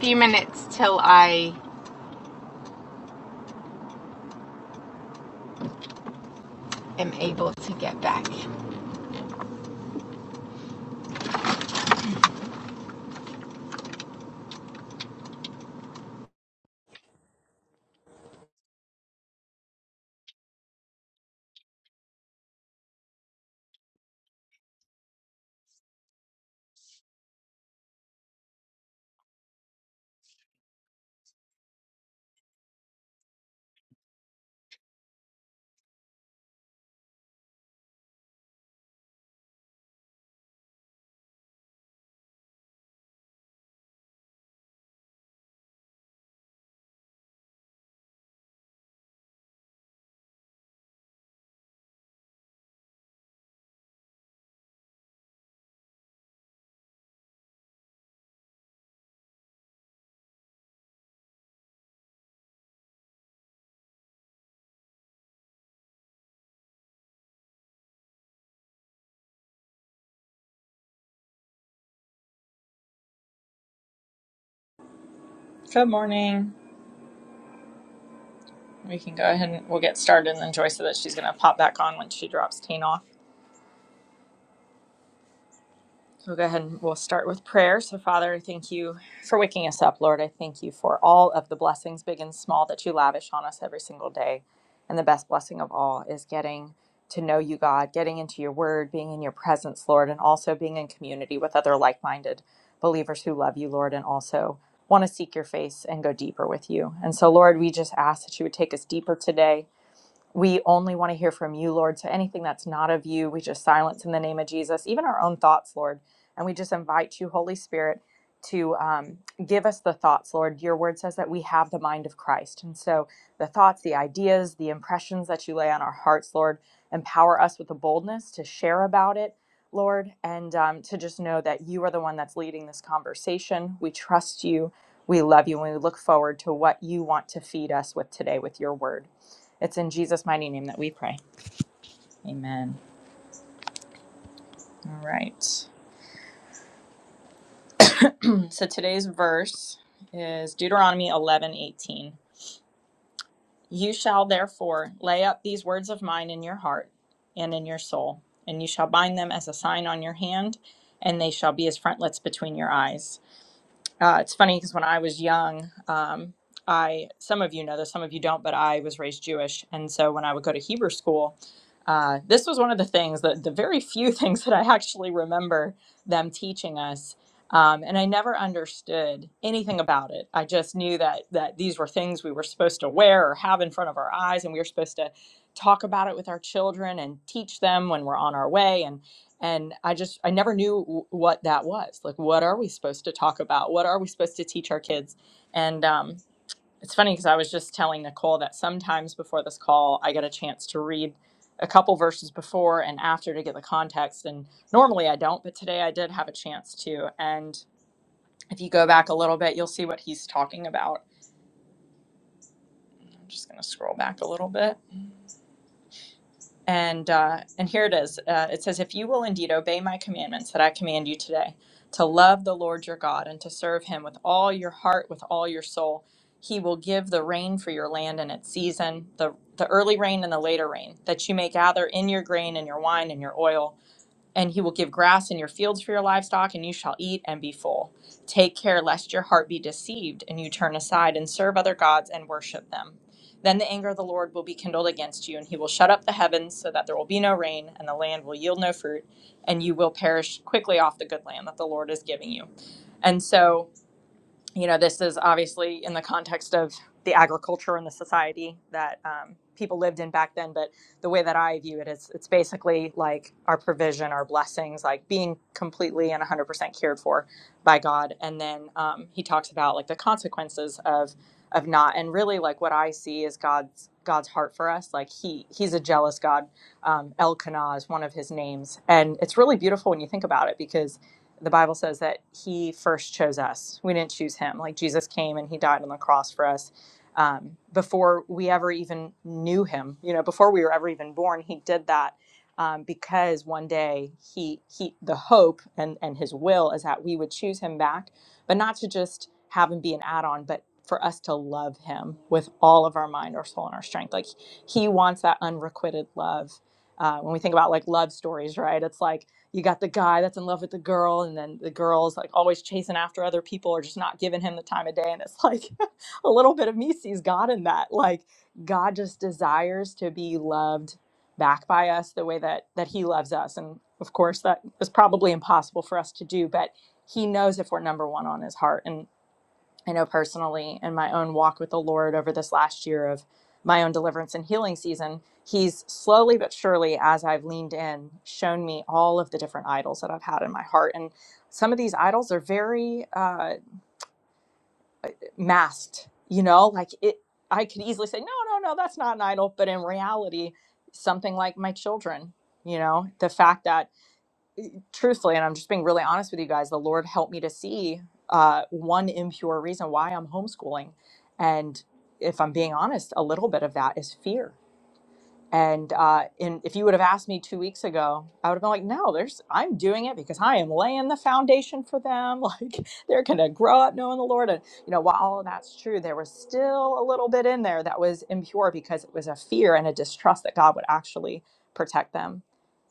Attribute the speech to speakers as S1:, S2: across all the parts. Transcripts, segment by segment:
S1: Few minutes till I am able to get back.
S2: Good morning. We can go ahead and we'll get started, and then Joy said that she's going to pop back on when she drops Tane off. So we'll go ahead and we'll start with prayer. So, Father, I thank you for waking us up, Lord. I thank you for all of the blessings, big and small, that you lavish on us every single day. And the best blessing of all is getting to know you, God, getting into your word, being in your presence, Lord, and also being in community with other like minded believers who love you, Lord, and also want to seek your face and go deeper with you. And so, Lord, we just ask that you would take us deeper today We only want to hear from you, Lord. So anything that's not of you, we just silence in the name of Jesus, even our own thoughts, Lord. And we just invite you, Holy Spirit, to um, give us the thoughts, Lord. Your word says that we have the mind of Christ. And so the thoughts, the ideas, the impressions that you lay on our hearts, Lord, empower us with the boldness to share about it, Lord, and um, to just know that you are the one that's leading this conversation. We trust you. We love you and we look forward to what you want to feed us with today with your word. It's in Jesus' mighty name that we pray. Amen. All right. So today's verse is Deuteronomy eleven eighteen. You shall therefore lay up these words of mine in your heart and in your soul, and you shall bind them as a sign on your hand, and they shall be as frontlets between your eyes Uh, it's funny because when I was young, um, I some of you know this, some of you don't, but I was raised Jewish, and so when I would go to Hebrew school, uh, this was one of the things that the very few things that I actually remember them teaching us, um, and I never understood anything about it. I just knew that that these were things we were supposed to wear or have in front of our eyes, and we were supposed to talk about it with our children and teach them when we're on our way, and and i just i never knew w- what that was like what are we supposed to talk about what are we supposed to teach our kids and um, it's funny because i was just telling nicole that sometimes before this call i get a chance to read a couple verses before and after to get the context and normally i don't but today i did have a chance to and if you go back a little bit you'll see what he's talking about i'm just going to scroll back a little bit And uh, and here it is. Uh, it says, "If you will indeed obey my commandments that I command you today, to love the Lord your God and to serve Him with all your heart, with all your soul, He will give the rain for your land in its season, the the early rain and the later rain, that you may gather in your grain and your wine and your oil." and he will give grass in your fields for your livestock, and you shall eat and be full. Take care lest your heart be deceived, and you turn aside and serve other gods and worship them. Then the anger of the Lord will be kindled against you, and he will shut up the heavens so that there will be no rain, and the land will yield no fruit, and you will perish quickly off the good land that the Lord is giving you. And so you know, this is obviously in the context of the agriculture and the society that um, people lived in back then. But the way that I view it is it's basically like our provision, our blessings, like being completely and 100% cared for by God. And then um, he talks about like the consequences of of not and really like what i see is god's god's heart for us like he he's a jealous god um, elkanah is one of his names and it's really beautiful when you think about it because the Bible says that He first chose us. We didn't choose Him. Like Jesus came and He died on the cross for us um, before we ever even knew Him. You know, before we were ever even born, He did that um, because one day He He the hope and and His will is that we would choose Him back, but not to just have Him be an add-on, but for us to love Him with all of our mind, our soul, and our strength. Like He wants that unrequited love. Uh, when we think about like love stories, right? It's like you got the guy that's in love with the girl and then the girl's like always chasing after other people or just not giving him the time of day and it's like a little bit of me sees god in that like god just desires to be loved back by us the way that that he loves us and of course that is probably impossible for us to do but he knows if we're number one on his heart And I know personally in my own walk with the Lord over this last year of my own deliverance and healing season, He's slowly but surely, as I've leaned in, shown me all of the different idols that I've had in my heart. And some of these idols are very uh, masked, you know, like it, I could easily say, no, no, no, that's not an idol. But in reality, something like my children, you know, the fact that truthfully, and I'm just being really honest with you guys, the Lord helped me to see uh, one impure reason why I'm homeschooling. And if I'm being honest, a little bit of that is fear. And uh, and if you would have asked me two weeks ago, I would have been like, no, there's I'm doing it because I am laying the foundation for them. Like they're gonna grow up knowing the Lord. And you know, while all of that's true, there was still a little bit in there that was impure because it was a fear and a distrust that God would actually protect them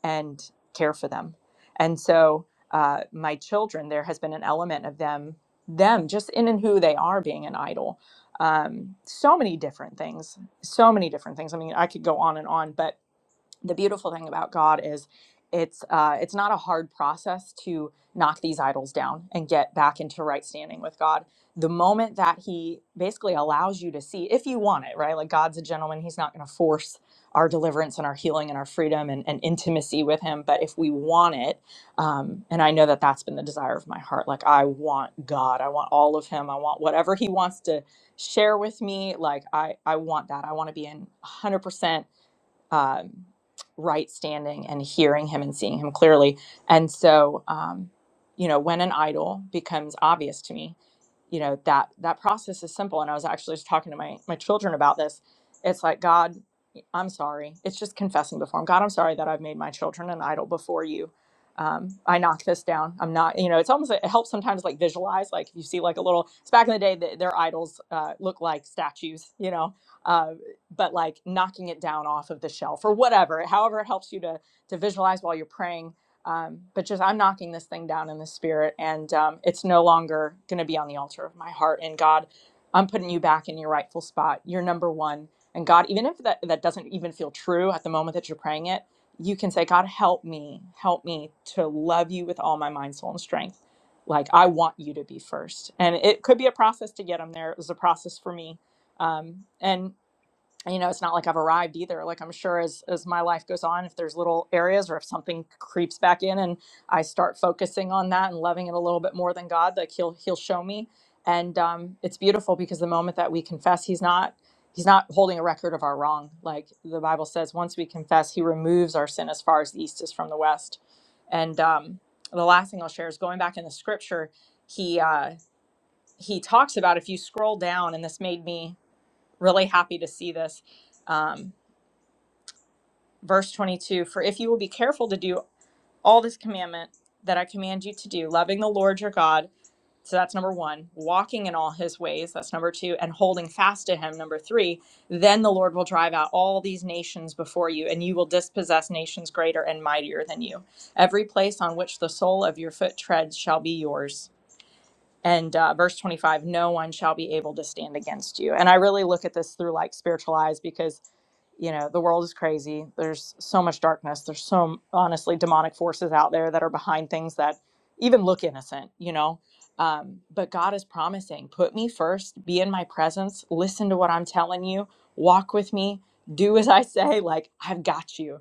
S2: and care for them. And so uh, my children, there has been an element of them, them just in and who they are being an idol. Um, so many different things so many different things. I mean, I could go on and on, but the beautiful thing about God is it's uh, it's not a hard process to knock these idols down and get back into right standing with God. The moment that He basically allows you to see, if you want it, right? Like God's a gentleman; He's not going to force our deliverance and our healing and our freedom and, and intimacy with Him. But if we want it, um, and I know that that's been the desire of my heart. Like I want God, I want all of Him, I want whatever He wants to share with me. Like I, I want that. I want to be in 100% um, right standing and hearing him and seeing him clearly. And so, um, you know, when an idol becomes obvious to me, you know that that process is simple and i was actually just talking to my my children about this it's like god i'm sorry it's just confessing before him god i'm sorry that i've made my children an idol before you um, i knock this down i'm not you know it's almost it helps sometimes like visualize like if you see like a little it's back in the day that their idols uh, look like statues you know uh, but like knocking it down off of the shelf or whatever however it helps you to to visualize while you're praying um, but just i'm knocking this thing down in the spirit and um, it's no longer going to be on the altar of my heart and god i'm putting you back in your rightful spot you're number one and god even if that, that doesn't even feel true at the moment that you're praying it you can say god help me help me to love you with all my mind soul and strength like i want you to be first and it could be a process to get them there it was a process for me um, and and, you know, it's not like I've arrived either. Like I'm sure as as my life goes on, if there's little areas or if something creeps back in and I start focusing on that and loving it a little bit more than God, like he'll he'll show me. And um, it's beautiful because the moment that we confess, he's not he's not holding a record of our wrong. Like the Bible says, once we confess, he removes our sin as far as the east is from the west. And um, the last thing I'll share is going back in the scripture, he uh, he talks about if you scroll down, and this made me really happy to see this. Um, verse 22 For if you will be careful to do all this commandment that I command you to do, loving the Lord your God, so that's number one, walking in all his ways, that's number two, and holding fast to him, number three, then the Lord will drive out all these nations before you, and you will dispossess nations greater and mightier than you. Every place on which the sole of your foot treads shall be yours. And uh, verse 25, no one shall be able to stand against you. And I really look at this through like spiritual eyes because you know the world is crazy there's so much darkness there's so honestly demonic forces out there that are behind things that even look innocent you know um, but god is promising put me first be in my presence listen to what i'm telling you walk with me do as i say like i've got you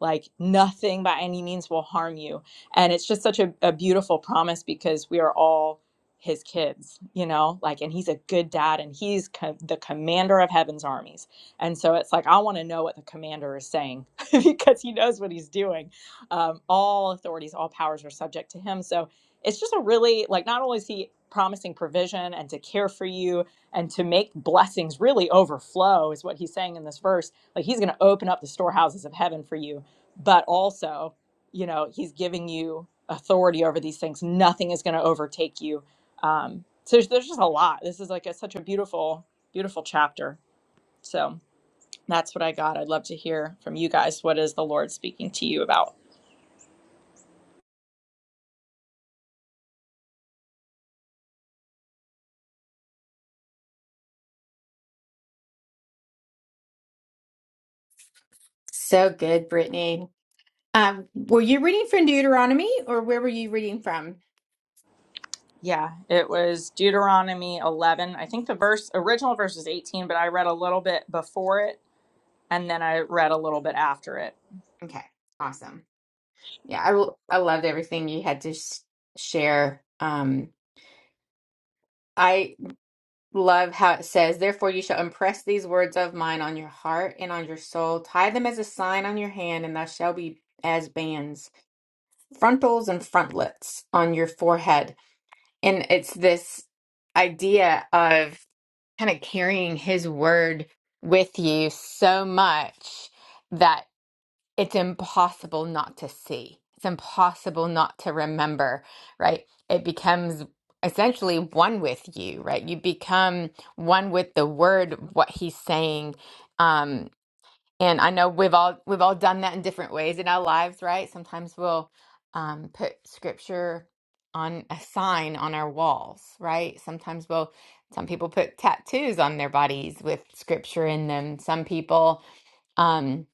S2: like nothing by any means will harm you and it's just such a, a beautiful promise because we are all his kids you know like and he's a good dad and he's co- the commander of heaven's armies and so it's like, I want to know what the commander is saying because he knows what he's doing. Um, all authorities, all powers are subject to him. So it's just a really, like, not only is he promising provision and to care for you and to make blessings really overflow, is what he's saying in this verse. Like, he's going to open up the storehouses of heaven for you, but also, you know, he's giving you authority over these things. Nothing is going to overtake you. Um, so there's, there's just a lot. This is like a, such a beautiful, beautiful chapter. So. That's what I got. I'd love to hear from you guys. What is the Lord speaking to you about?
S1: So good, Brittany. Um, were you reading from Deuteronomy or where were you reading from?
S2: Yeah, it was Deuteronomy 11. I think the verse, original verse is 18, but I read a little bit before it and then I read a little bit after it.
S1: Okay, awesome. Yeah, I l- I loved everything you had to sh- share. Um, I love how it says, "Therefore you shall impress these words of mine on your heart and on your soul, tie them as a sign on your hand, and thou shalt be as bands, frontals and frontlets on your forehead." And it's this idea of kind of carrying his word with you so much that it's impossible not to see. It's impossible not to remember, right? It becomes essentially one with you, right? You become one with the word, what he's saying. Um, and I know we've all we've all done that in different ways in our lives, right? Sometimes we'll um, put scripture on a sign on our walls, right? Sometimes we'll some people put tattoos on their bodies with scripture in them. Some people um,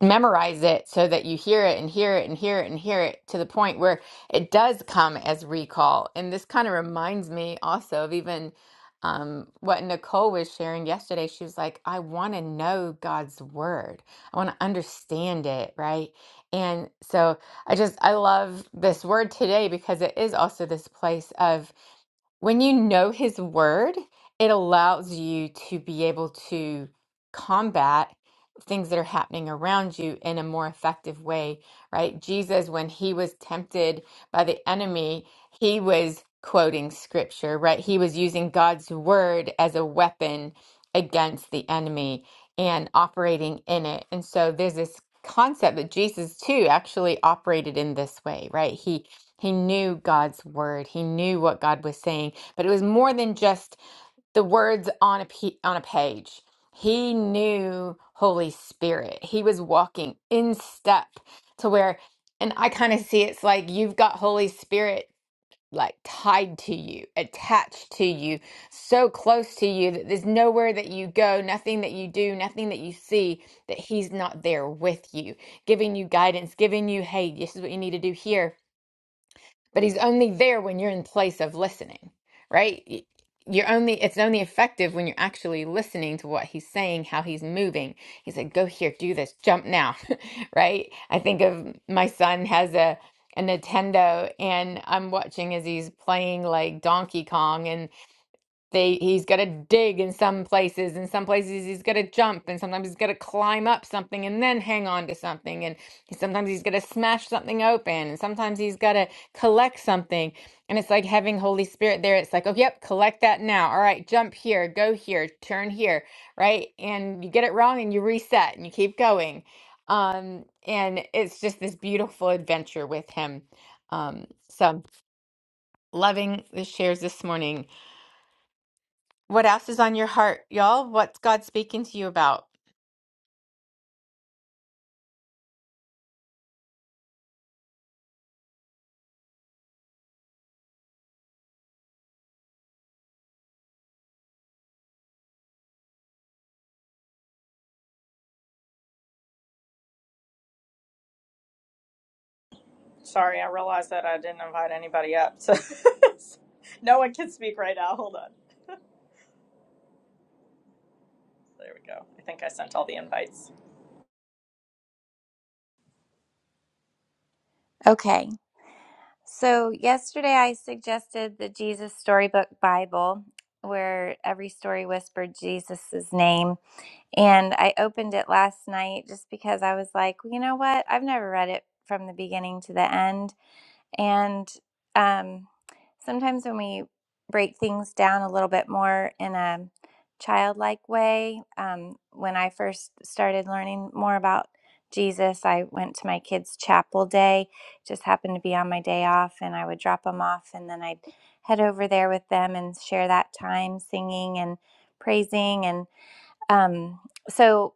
S1: memorize it so that you hear it and hear it and hear it and hear it to the point where it does come as recall. And this kind of reminds me also of even um, what Nicole was sharing yesterday. She was like, I want to know God's word, I want to understand it, right? And so I just, I love this word today because it is also this place of when you know his word, it allows you to be able to combat things that are happening around you in a more effective way, right? Jesus, when he was tempted by the enemy, he was quoting scripture, right? He was using God's word as a weapon against the enemy and operating in it. And so there's this concept that Jesus too actually operated in this way, right? He he knew God's word. He knew what God was saying, but it was more than just the words on a pe- on a page. He knew Holy Spirit. He was walking in step to where and I kind of see it's like you've got Holy Spirit like tied to you, attached to you, so close to you that there's nowhere that you go, nothing that you do, nothing that you see that he's not there with you, giving you guidance, giving you hey, this is what you need to do here but he's only there when you're in place of listening right Y- you're only it's only effective when you're actually listening to what he's saying how he's moving he said go here do this jump now right i think of my son has a a Nintendo and I'm watching as he's playing like Donkey Kong and they he's got to dig in some places in some places he's got to jump and sometimes he's got to climb up something and then hang on to something and sometimes he's got to smash something open and sometimes he's got to collect something and it's like having holy spirit there it's like oh yep collect that now all right jump here go here turn here right and you get it wrong and you reset and you keep going um and it's just this beautiful adventure with him um so loving the shares this morning what else is on your heart, y'all? What's God speaking to you about?
S2: Sorry, I realized that I didn't invite anybody up. So no one can speak right now. Hold on. There we go. I think I sent all the invites.
S3: Okay. So, yesterday I suggested the Jesus Storybook Bible, where every story whispered Jesus' name. And I opened it last night just because I was like, "Well, you know what? I've never read it from the beginning to the end. And um, sometimes when we break things down a little bit more in a childlike way, um, when I first started learning more about Jesus, I went to my kids' chapel day. Just happened to be on my day off, and I would drop them off, and then I'd head over there with them and share that time singing and praising. And um, so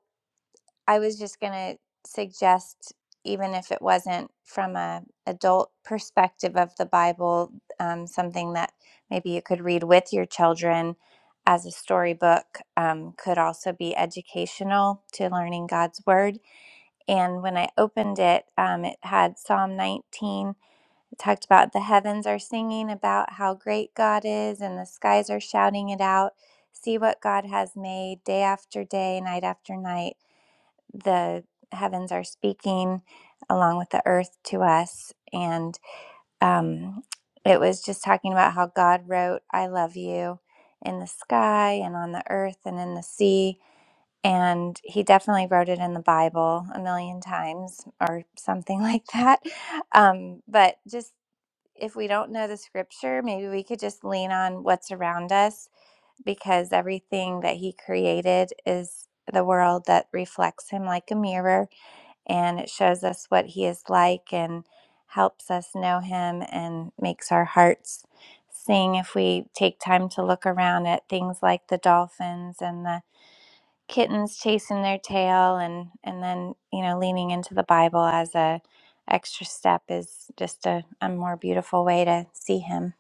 S3: I was just going to suggest, even if it wasn't from a adult perspective of the Bible, um, something that maybe you could read with your children as a storybook um, could also be educational to learning God's word. And when I opened it, um, it had Psalm 19. It talked about the heavens are singing about how great God is, and the skies are shouting it out. See what God has made day after day, night after night the heavens are speaking along with the earth to us. And um, it was just talking about how God wrote, I love you in the sky and on the earth and in the sea. And he definitely wrote it in the Bible a million times or something like that. Um, but just if we don't know the scripture, maybe we could just lean on what's around us because everything that he created is the world that reflects him like a mirror and it shows us what he is like and helps us know him and makes our hearts sing if we take time to look around at things like the dolphins and the kittens chasing their tail and and then you know leaning into the bible as a extra step is just a, a more beautiful way to see him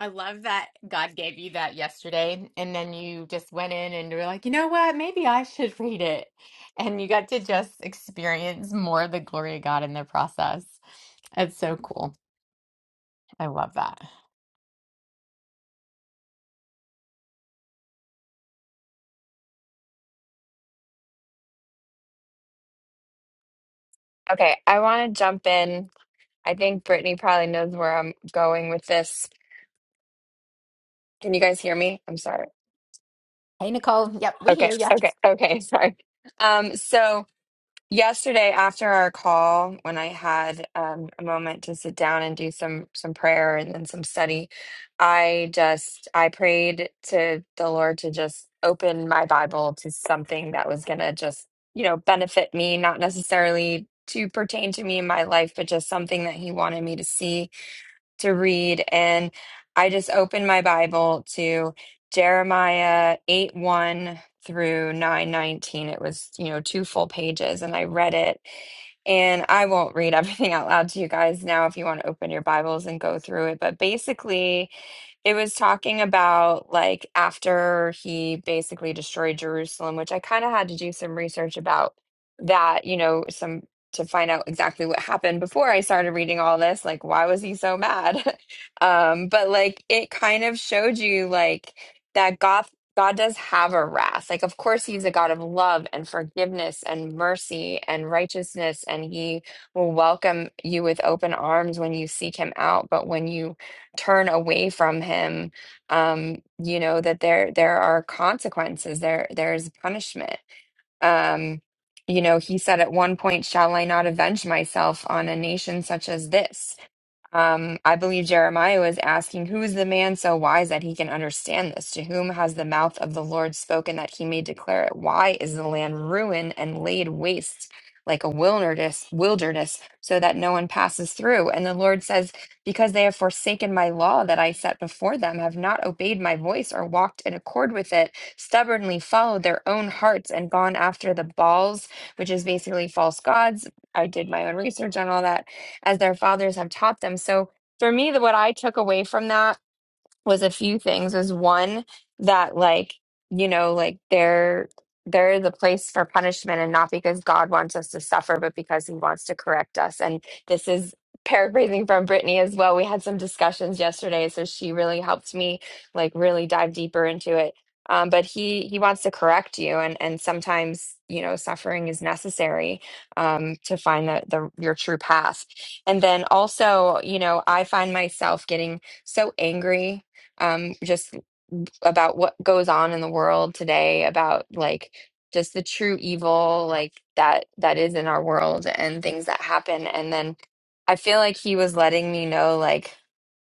S1: I love that God gave you that yesterday, and then you just went in and you were like, you know what? Maybe I should read it. And you got to just experience more of the glory of God in the process. It's so cool. I love that.
S4: Okay, I want to jump in. I think Brittany probably knows where I'm going with this. Can you guys hear me? I'm sorry.
S1: Hey, Nicole. Yep, we
S4: Okay,
S1: hear you.
S4: okay, okay, sorry. Um, so yesterday after our call, when I had um, a moment to sit down and do some some prayer and then some study, I just I prayed to the Lord to just open my Bible to something that was gonna just, you know, benefit me, not necessarily to pertain to me in my life, but just something that He wanted me to see to read, and I just opened my Bible to Jeremiah 8 1 through nine nineteen. It was, you know, two full pages, and I read it. And I won't read everything out loud to you guys now if you want to open your Bibles and go through it. But basically, it was talking about like after he basically destroyed Jerusalem, which I kind of had to do some research about that, you know, some to find out exactly what happened before I started reading all this. Like, why was he so mad? um, but like, it kind of showed you like that God, God does have a wrath. Like, of course, he's a God of love and forgiveness and mercy and righteousness, and he will welcome you with open arms when you seek him out. But when you turn away from him, um, you know that there there are consequences. There there is punishment um, you know, he said, At one point, shall I not avenge myself on a nation such as this? Um, I believe Jeremiah was asking, Who is the man so wise that he can understand this? To whom has the mouth of the Lord spoken that he may declare it? Why is the land ruined and laid waste like a wilderness, wilderness, so that no one passes through? And the Lord says, Because they have forsaken my law that I set before them, have not obeyed my voice or walked in accord with it, stubbornly followed their own hearts and gone after the Baals, which is basically false gods. I did my own research on all that as their fathers have taught them. So for me, the, what I took away from that was a few things was one that like you know like there there is a place for punishment and not because god wants us to suffer but because he wants to correct us and this is paraphrasing from brittany as well we had some discussions yesterday so she really helped me like really dive deeper into it um, but he he wants to correct you and and sometimes you know suffering is necessary um, to find the, the your true path and then also you know i find myself getting so angry um, just about what goes on in the world today, about like just the true evil like that that is in our world and things that happen. And then I feel like he was letting me know like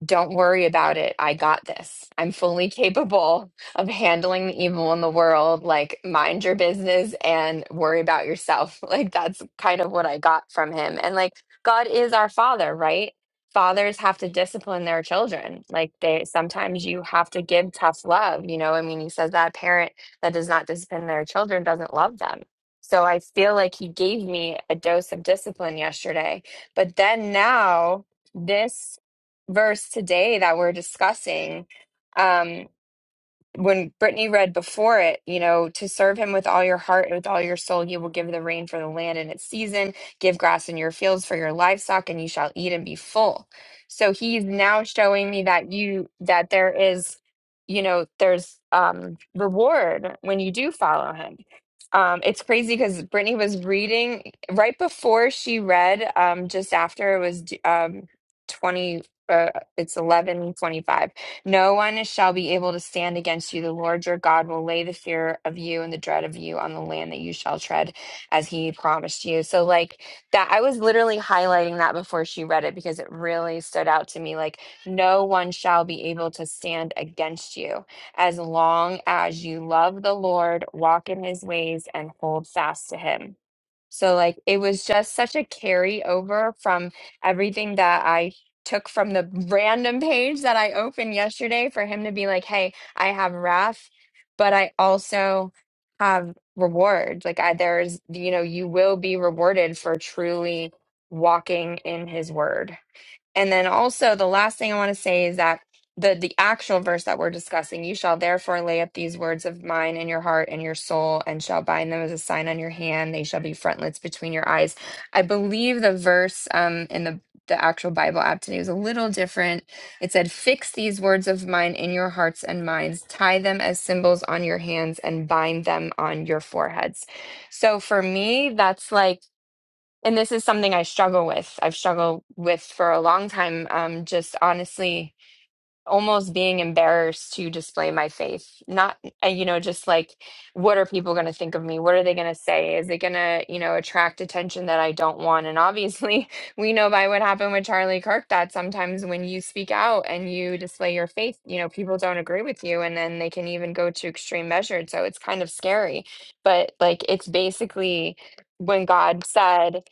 S4: don't worry about it. I got this. I'm fully capable of handling the evil in the world. Like, mind your business and worry about yourself. Like, that's kind of what I got from him. And like, God is our father, right? Fathers have to discipline their children. Like, they sometimes you have to give tough love. You know, I mean, he says that a parent that does not discipline their children doesn't love them. So I feel like he gave me a dose of discipline yesterday. But then now, this verse today that we're discussing. Um, when Brittany read before it, you know, to serve him with all your heart and with all your soul, you will give the rain for the land in its season, give grass in your fields for your livestock, and you shall eat and be full. So he's now showing me that you that there is, you know, there's um reward when you do follow him. Um, it's crazy because Brittany was reading right before she read, um, just after it was um twenty uh it's eleven twenty five no one shall be able to stand against you. The Lord your God will lay the fear of you and the dread of you on the land that you shall tread, as he promised you. So, like that, I was literally highlighting that before she read it because it really stood out to me. Like, no one shall be able to stand against you as long as you love the Lord, walk in his ways, and hold fast to him. So, like, it was just such a carryover from everything that I took from the random page that I opened yesterday for him to be like, hey, I have wrath, but I also have reward. Like, I, there's, you know, you will be rewarded for truly walking in his word. And then also the last thing I want to say is that the the actual verse that we're discussing, you shall therefore lay up these words of mine in your heart and your soul and shall bind them as a sign on your hand, they shall be frontlets between your eyes. I believe the verse um in the the actual Bible app today was a little different. It said, Fix these words of mine in your hearts and minds, tie them as symbols on your hands, and bind them on your foreheads. So for me, that's like and this is something I struggle with. I've struggled with for a long time. Um, just honestly, almost being embarrassed to display my faith. Not, uh, you know, just like, what are people going to think of me? What are they going to say? Is it going to, you know, attract attention that I don't want? And obviously, we know by what happened with Charlie Kirk that sometimes when you speak out and you display your faith, you know, people don't agree with you, and then they can even go to extreme measures. So it's kind of scary. But like, it's basically when God said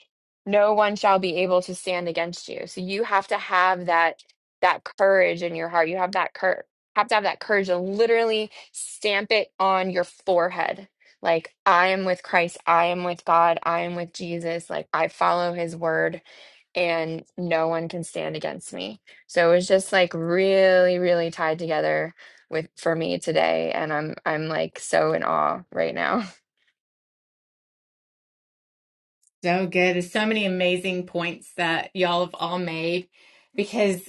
S4: no one shall be able to stand against you so you have to have that that courage in your heart you have that cur have to have that courage to literally stamp it on your forehead like i am with christ i am with god i am with jesus like i follow his word and no one can stand against me so it was just like really really tied together with for me today and i'm i'm like so in awe right now
S1: So good. There's so many amazing points that y'all have all made because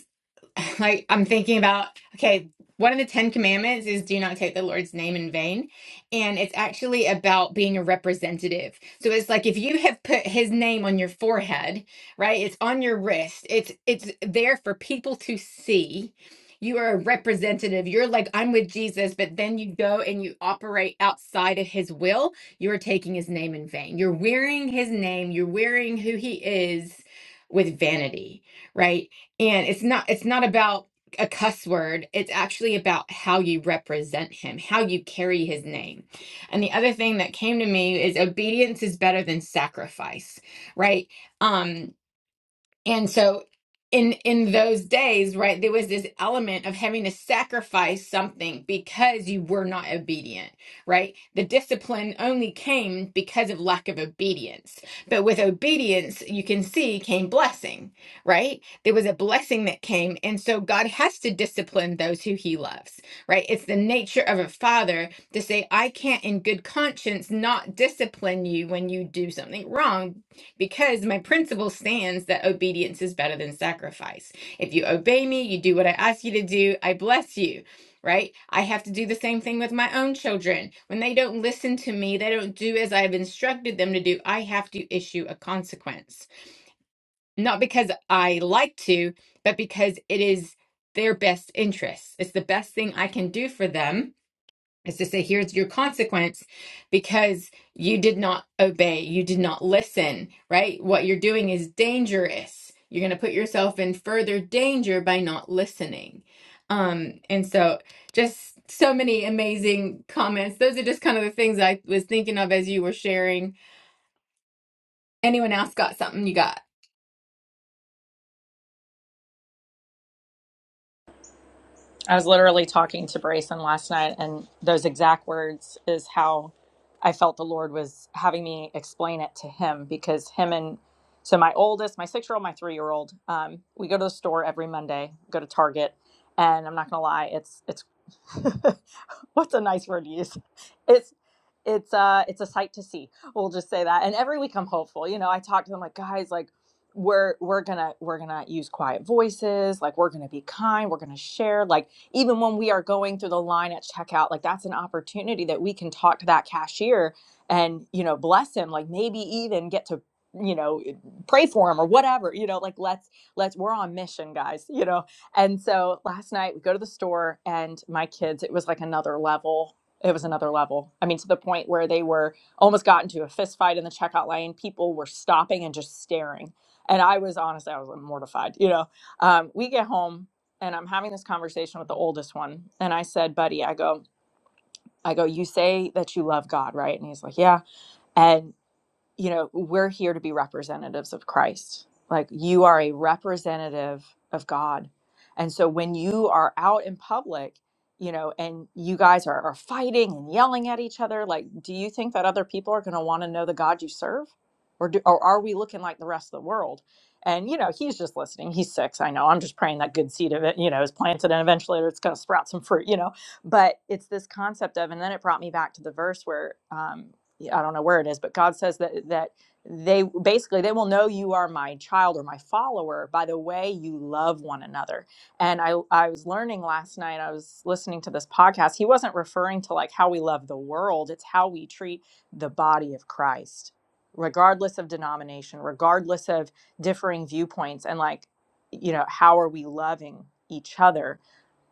S1: like I'm thinking about okay, one of the Ten Commandments is do not take the Lord's name in vain. And it's actually about being a representative. So it's like if you have put his name on your forehead, right? It's on your wrist. It's it's there for people to see. You are a representative. You're like, I'm with Jesus, but then you go and you operate outside of his will. You're taking his name in vain. You're wearing his name. You're wearing who he is with vanity right? and it's not it's not about a cuss word it's actually about how you represent him how you carry his name and the other thing that came to me is obedience is better than sacrifice right Um, and so in in those days, right, there was this element of having to sacrifice something because you were not obedient, right? The discipline only came because of lack of obedience. But with obedience, you can see came blessing, right? There was a blessing that came. And so God has to discipline those who he loves, right? It's the nature of a father to say, I can't in good conscience not discipline you when you do something wrong because my principle stands that obedience is better than sacrifice. If you obey me, you do what I ask you to do, I bless you. Right? I have to do the same thing with my own children. When they don't listen to me, they don't do as I've instructed them to do, I have to issue a consequence. Not because I like to, but because it is their best interests. It's the best thing I can do for them is to say, here's your consequence because you did not obey, you did not listen, right? What you're doing is dangerous. You're going to put yourself in further danger by not listening. Um, and so, just so many amazing comments. Those are just kind of the things I was thinking of as you were sharing. Anyone else got something you got?
S2: I was literally talking to Brayson last night, and those exact words is how I felt the Lord was having me explain it to him because him and so my oldest, my six year old, my three year old, um, we go to the store every Monday, go to Target, and I'm not gonna lie, it's it's what's a nice word to use? It's it's uh it's a sight to see. We'll just say that. And every week I'm hopeful. You know, I talk to them like, guys, like we're we're gonna we're gonna use quiet voices, like we're gonna be kind, we're gonna share. Like even when we are going through the line at checkout like that's an opportunity that we can talk to that cashier and you know bless him like maybe even get to you know pray for him or whatever you know like let's let's we're on mission guys you know and so last night we go to the store and my kids it was like another level it was another level i mean to the point where they were almost got into a fist fight in the checkout lane people were stopping and just staring and i was honestly i was mortified you know um, we get home and I'm having this conversation with the oldest one. And I said, buddy, I go, I go, you say that you love God, right? And he's like, yeah. And you know, we're here to be representatives of Christ. Like you are a representative of God. And so when you are out in public, you know, and you guys are, are fighting and yelling at each other, like, do you think that other people are going to want to know the God you serve? Or, do, or are we looking like the rest of the world? And, you know, he's just listening. He's six. I know. I'm just praying that good seed of it, you know, is planted and eventually it's going to sprout some fruit, you know. But it's this concept of, and then it brought me back to the verse where, um, I don't know where it is, but God says that that they basically they will know you are my child or my follower by the way you love one another. And I I was learning last night. I was listening to this podcast. He wasn't referring to like how we love the world. It's how we treat the body of Christ, regardless of denomination, regardless of differing viewpoints, and like you know how are we loving each other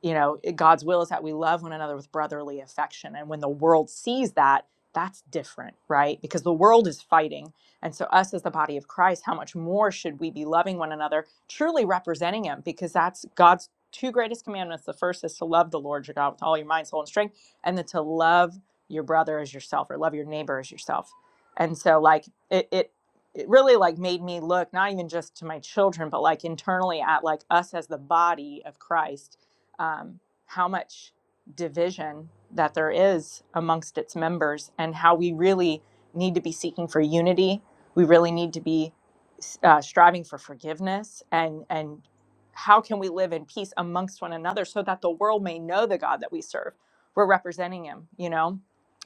S2: you know god's will is that we love one another with brotherly affection and when the world sees that that's different right because the world is fighting and so us as the body of christ how much more should we be loving one another truly representing him because that's god's two greatest commandments the first is to love the lord your god with all your mind soul and strength and then to love your brother as yourself or love your neighbor as yourself and so like it, it it really like made me look not even just to my children but like internally at like us as the body of christ um, how much division that there is amongst its members and how we really need to be seeking for unity. We really need to be uh, striving for forgiveness and, and how can we live in peace amongst one another so that the world may know the God that we serve? We're representing Him, you know?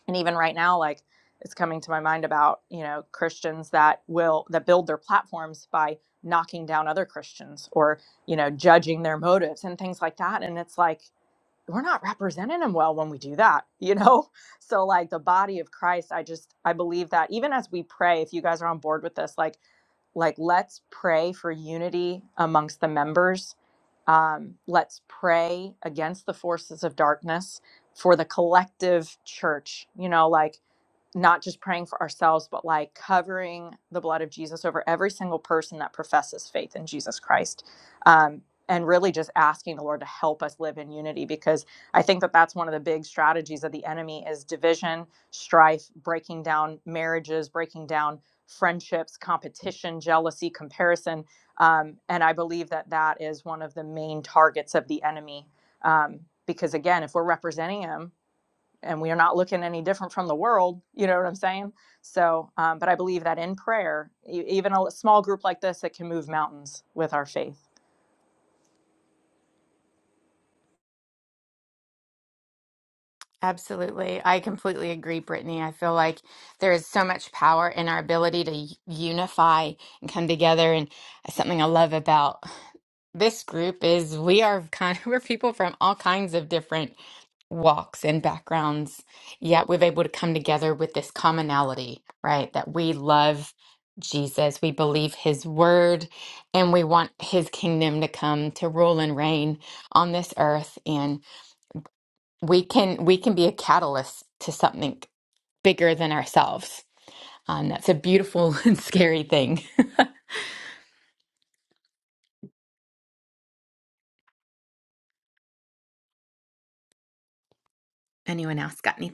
S2: And even right now, like it's coming to my mind about, you know, Christians that will, that build their platforms by knocking down other Christians or you know, judging their motives and things like that. And it's like, we're not representing them well when we do that, you know? So, like the body of Christ, I just, I believe that even as we pray, if you guys are on board with this, like, like let's pray for unity amongst the members. Um, let's pray against the forces of darkness for the collective church, you know, like not just praying for ourselves, but like covering the blood of Jesus over every single person that professes faith in Jesus Christ. Um, and really just asking the Lord to help us live in unity because I think that that's one of the big strategies of the enemy is division, strife, breaking down marriages, breaking down friendships, competition, jealousy, comparison. Um, and I believe that that is one of the main targets of the enemy. Um, because again, if we're representing him and we are not looking any different from the world. You know what I'm saying? So, um, but I believe that in prayer, e- even a small group like this, it can move mountains with our faith.
S1: Absolutely. I completely agree, Brittany. I feel like there is so much power in our ability to y- unify and come together. And something I love about this group is we are kind we're people from all kinds of different walks and backgrounds, yet we've able to come together with this commonality, right? That we love Jesus, we believe his word, and we want his kingdom to come to rule and reign on this earth. And we can we can be a catalyst to something bigger than ourselves. Um, that's a beautiful and scary thing. Anyone else got any?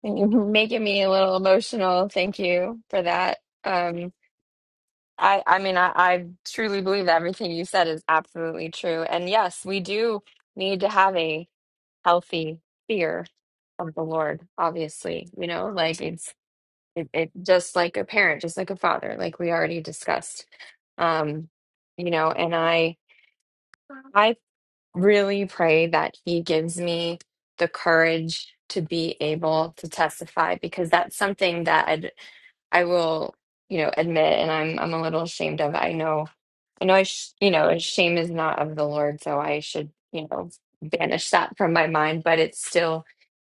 S4: You're making me a little emotional. Thank you for that. Um, I, I mean, I, I truly believe that everything you said is absolutely true. And yes, we do need to have a healthy fear of the Lord, obviously. You know, like it's it, it just like a parent, just like a father, like we already discussed. Um, you know, and I I really pray that he gives me the courage to be able to testify because that's something that I will, you know, admit, and I'm I'm a little ashamed of. it. I know, I know, I sh you know, shame is not of the Lord, so I should, you know, banish that from my mind. But it still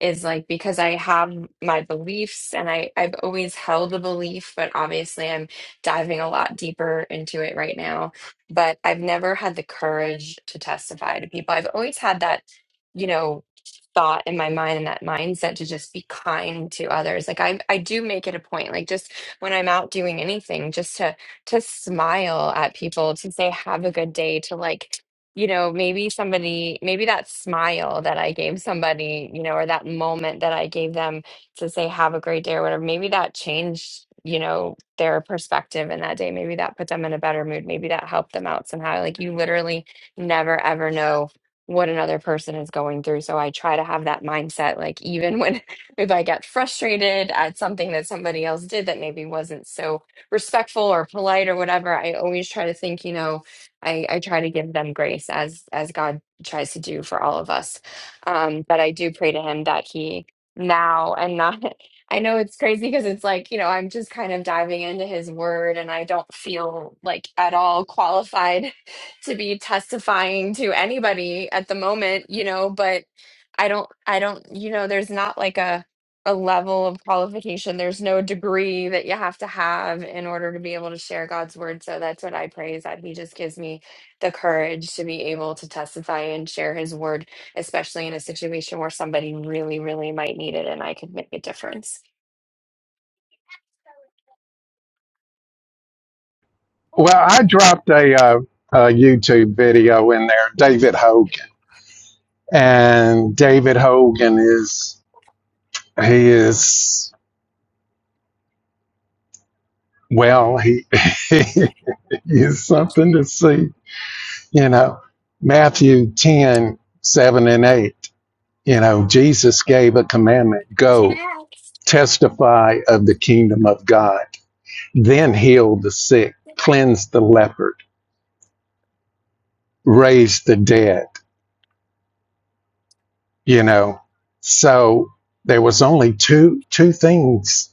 S4: is like because I have my beliefs, and I I've always held a belief, but obviously I'm diving a lot deeper into it right now. But I've never had the courage to testify to people. I've always had that, you know. thought in my mind and that mindset to just be kind to others like I I do make it a point like just when I'm out doing anything, just to to smile at people, to say have a good day, to like, you know, maybe somebody, maybe that smile that I gave somebody, you know, or that moment that I gave them to say have a great day or whatever, maybe that changed, you know, their perspective in that day. Maybe that put them in a better mood. Maybe that helped them out somehow. Like you literally never ever know what another person is going through. So I try to have that mindset, like even when if I get frustrated at something that somebody else did that maybe wasn't so respectful or polite or whatever, I always try to think, you know, I, I try to give them grace as as God tries to do for all of us. Um, but I do pray to him that he now and not I know it's crazy because it's like, you know, I'm just kind of diving into his word and I don't feel like at all qualified to be testifying to anybody at the moment, you know, but I don't I don't you know, there's not like a a level of qualification. There's no degree that you have to have in order to be able to share God's word. So that's what I pray is that He just gives me the courage to be able to testify and share His word, especially in a situation where somebody really, really might need it and I could make a difference.
S5: You know, Jesus gave a commandment go testify of the kingdom of God, then heal the sick, cleanse the leopard, raise the dead, you know. So there was only two two things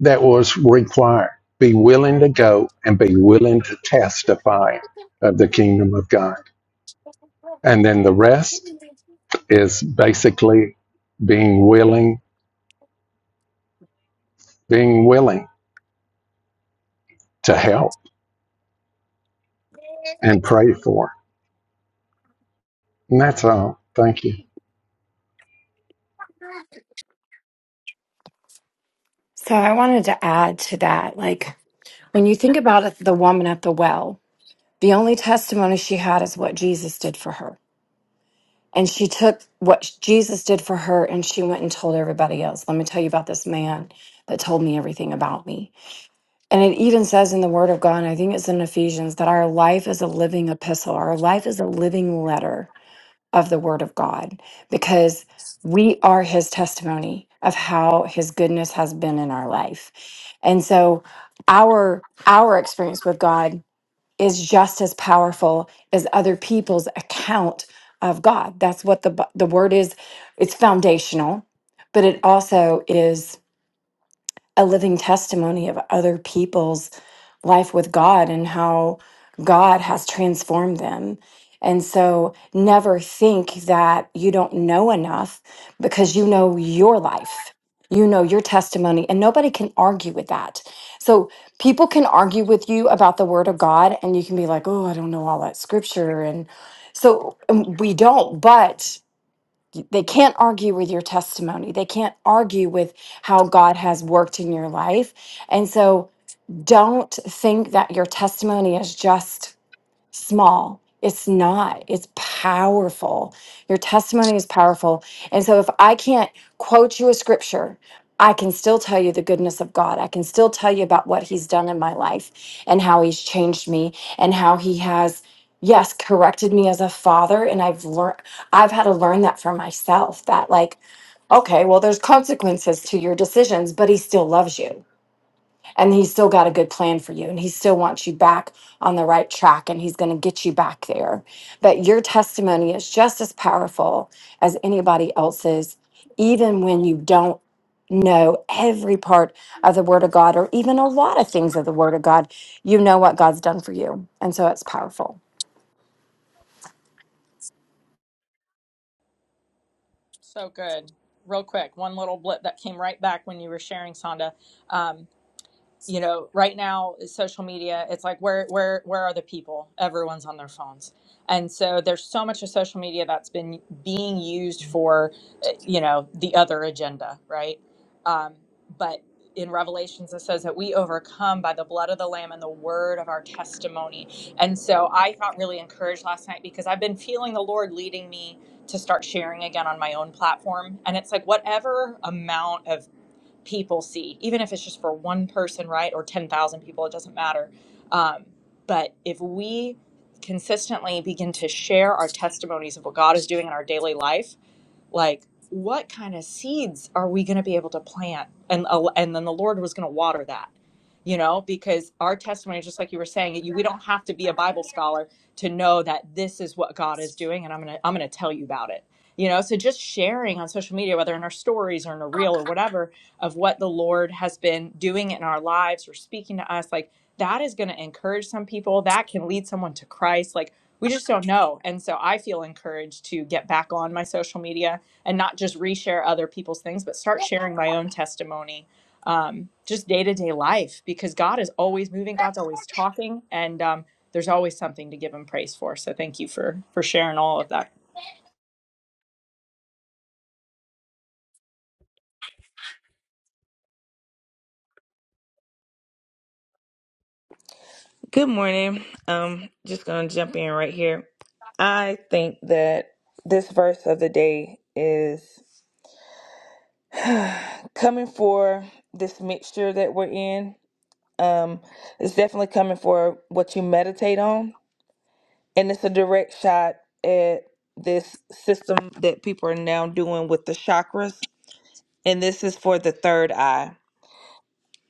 S5: that was required. Be willing to go and be willing to testify of the kingdom of God. And then the rest is basically being willing, being willing to help and pray for. And That's all. Thank you.
S6: So I wanted to add to that. Like, when you think about it, the woman at the well, the only testimony she had is what Jesus did for her. And she took what Jesus did for her and she went and told everybody else. Let me tell you about this man that told me everything about me. And it even says in the Word of God, and I think it's in Ephesians, that our life is a living epistle, our life is a living letter of the Word of God because we are His testimony of how His goodness has been in our life. And so our our experience with God is just as powerful as other people's account of God. That's what the Bi- the word is. It's foundational, but it also is a living testimony of other people's life with God and how God has transformed them. And so never think that you don't know enough because you know your life. You know your testimony, and nobody can argue with that. So, people can argue with you about the word of God, and you can be like, Oh, I don't know all that scripture. And so um, we don't. but they can't argue with your testimony. They can't argue with how God has worked in your life. And so don't think that your testimony is just small. It's not. It's powerful. Your testimony is powerful. And so if I can't quote you a scripture, I can still tell you the goodness of God. I can still tell you about what he's done in my life and how he's changed me and how he has yes, corrected me as a father and I've learned I've had to learn that for myself that like okay, well there's consequences to your decisions, but he still loves you and he's still got a good plan for you and he still wants you back on the right track and he's going to get you back there but your testimony is just as powerful as anybody else's even when you don't know every part of the word of god or even a lot of things of the word of god you know what god's done for you and so it's powerful
S2: So good. Real quick, one little blip that came right back when you were sharing, Sonda. Um, you know right now social media it's like where where where are the people everyone's on their phones and so there's so much of social media that's been being used for uh, you know the other agenda right um, but in revelations it says that we overcome by the blood of the lamb and the word of our testimony and so i got really encouraged last night because i've been feeling the lord leading me to start sharing again on my own platform and it's like whatever amount of people see, even if it's just for one person, right? Or 10,000 people, it doesn't matter. Um, but if we consistently begin to share our testimonies of what God is doing in our daily life, like what kind of seeds are we going to be able to plant? And, uh, and then the Lord was going to water that, you know, because our testimony, just like you were saying, you, we don't have to be a Bible scholar to know that this is what God is doing. And I'm going to, I'm going to tell you about it. You know, so just sharing on social media, whether in our stories or in a reel or whatever, of what the Lord has been doing in our lives or speaking to us, like that is going to encourage some people. That can lead someone to Christ. Like we just don't know. And so I feel encouraged to get back on my social media and not just reshare other people's things, but start sharing my own testimony, um, just day to day life, because God is always moving, God's always talking, and um, there's always something to give Him praise for. So thank you for for sharing all of that.
S7: Good morning. Um, just gonna jump in right here. I think that this verse of the day is coming for this mixture that we're in. Um, it's definitely coming for what you meditate on, and it's a direct shot at this system that people are now doing with the chakras. And this is for the third eye.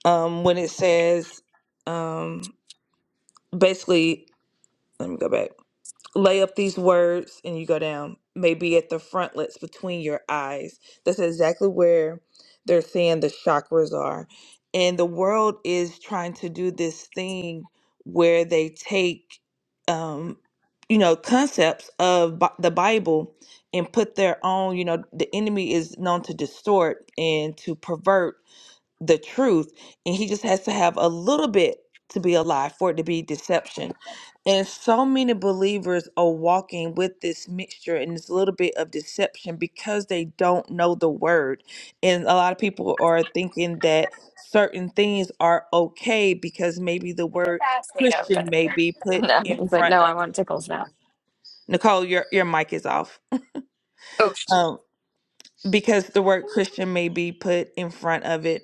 S7: Um, when it says, um, basically, let me go back. lay up these words and you go down maybe at the frontlets between your eyes that's exactly where they're saying the chakras are and the world is trying to do this thing where they take um you know concepts of Bi- the bible and put their own you know the enemy is known to distort and to pervert the truth and he just has to have a little bit to be a lie for it to be deception and so many believers are walking with this mixture and this little bit of deception because they don't know the word and a lot of people are thinking that certain things are okay because maybe the
S4: I just
S7: word
S4: asked me to open
S7: christian
S4: it.
S7: may be put
S4: No,
S7: in
S4: it's like, no,
S7: front
S4: I
S7: of it
S4: want tickles now.
S7: nicole your, your mic is off
S4: Oh,
S7: um, because the word christian may be put in front of it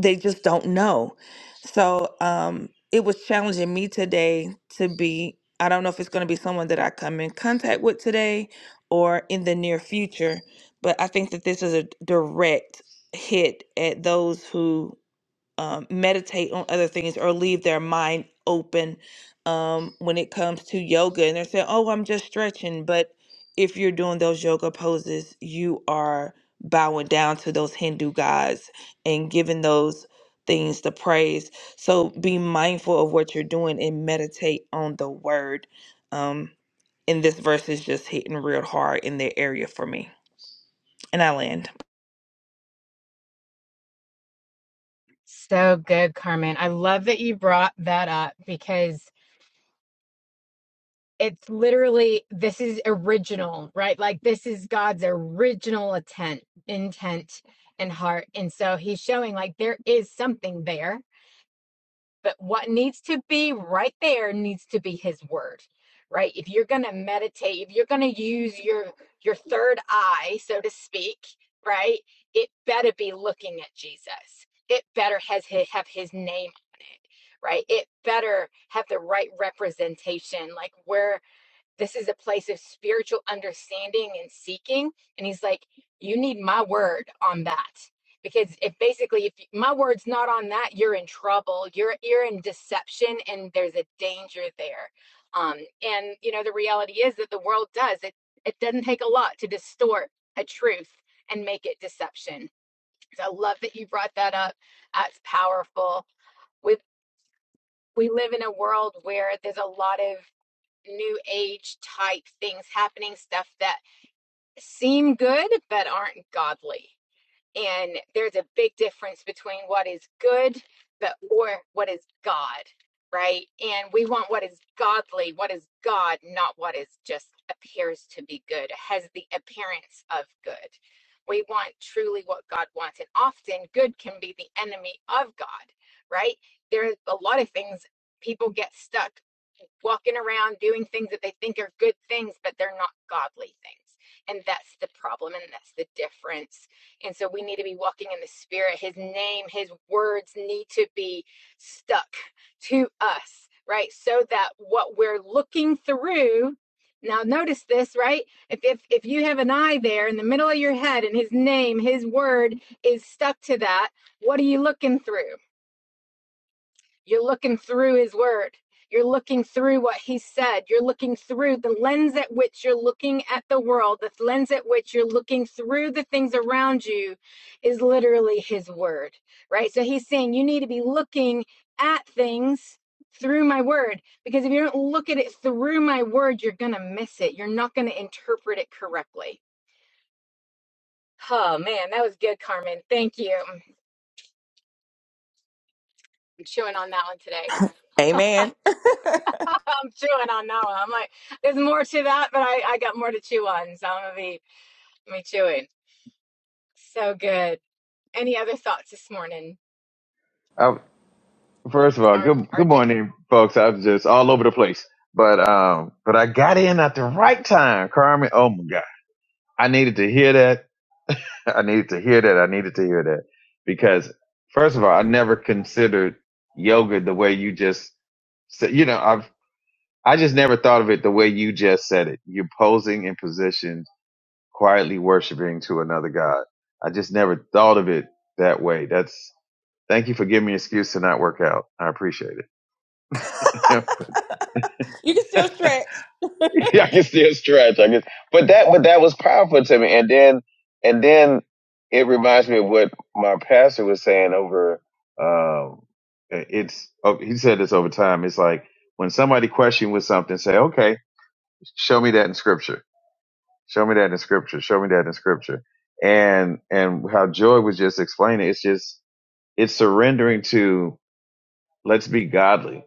S7: they just don't know. So um, it was challenging me today to be. I don't know if it's going to be someone that I come in contact with today or in the near future, but I think that this is a direct hit at those who um, meditate on other things or leave their mind open um, when it comes to yoga. And they're saying, oh, I'm just stretching. But if you're doing those yoga poses, you are bowing down to those Hindu gods and giving those things the praise. So be mindful of what you're doing and meditate on the word. Um, and this verse is just hitting real hard in the area for me. And I land.
S1: So good, Carmen. I love that you brought that up because it's literally this is original, right? Like this is God's original intent, intent and heart. And so he's showing like there is something there but what needs to be right there needs to be his word, right? If you're going to meditate, if you're going to use your your third eye, so to speak, right? It better be looking at Jesus. It better has his, have his name on it, right? It better have the right representation. Like where this is a place of spiritual understanding and seeking. And he's like, you need my word on that. Because if basically, if my word's not on that, you're in trouble. You're you're in deception, and there's a danger there. Um, and you know the reality is that the world does it. It doesn't take a lot to distort a truth and make it deception. So I love that you brought that up. That's powerful. We we live in a world where there's a lot of new age type things happening, stuff that seem good but aren't godly. And there's a big difference between what is good, but or what is God, right? And we want what is godly, what is God, not what is just appears to be good, has the appearance of good. We want truly what God wants. And often good can be the enemy of God, right? There's a lot of things people get stuck walking around doing things that they think are good things, but they're not godly things. And that's the problem, and that's the difference and so we need to be walking in the spirit. His name, his words need to be stuck to us, right? So that what we're looking through now notice this, right? If, if if you have an eye there in the middle of your head and his name, his word is stuck to that, what are you looking through? You're looking through his word. You're looking through what he said. You're looking through the lens at which you're looking at the world, the lens at which you're looking through the things around you is literally his word, right? So he's saying you need to be looking at things through my word because if you don't look at it through my word, you're going to miss it. You're not going to interpret it correctly. Oh man, that was good, Carmen. Thank you. I'm chewing on that one today.
S7: Amen.
S1: I'm chewing on that one. I'm like, there's more to that, but I, I got more to chew on, so I'm gonna be I'm gonna be chewing. So good. Any other thoughts this morning,
S8: I, first of all,
S1: R
S8: good good
S1: RJ?
S8: morning, folks. I was just all over the place, but um, but I got in at the right time, Carmen. Oh my God, I needed to hear that. I needed to hear that. I needed to hear that because first of all, I never considered yoga the way you just said. You know, I've I just never thought of it the way you just said it. You're posing in position, quietly worshiping to another god. I just never thought of it that way. That's thank you for giving me an excuse to not work out. I appreciate it.
S7: you can still stretch.
S8: I can still stretch. I guess, but that but that was powerful to me. And then and then it reminds me of what my pastor was saying over. Um, it's oh, he said this over time. It's like when somebody questions you with something, say, "Okay, show me that in scripture. Show me that in scripture. Show me that in scripture." And and how Joy was just explaining, it's just it's surrendering to let's be godly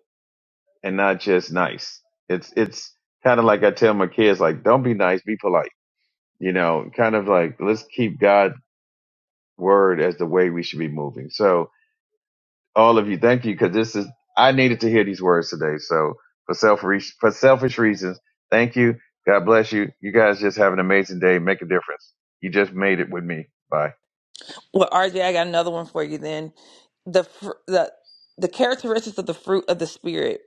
S8: and not just nice. It's it's kind of like I tell my kids, like, don't be nice, be polite you know, kind of like let's keep God's word as the way we should be moving. So, all of you, thank you because this is I needed to hear these words today. So, for selfish for selfish reasons, thank you. God bless you. You guys just have an amazing day. Make a difference. You just made it with me. Bye.
S7: Well, RJ, I got another one for you. Then the fr- the the characteristics of the fruit of the spirit.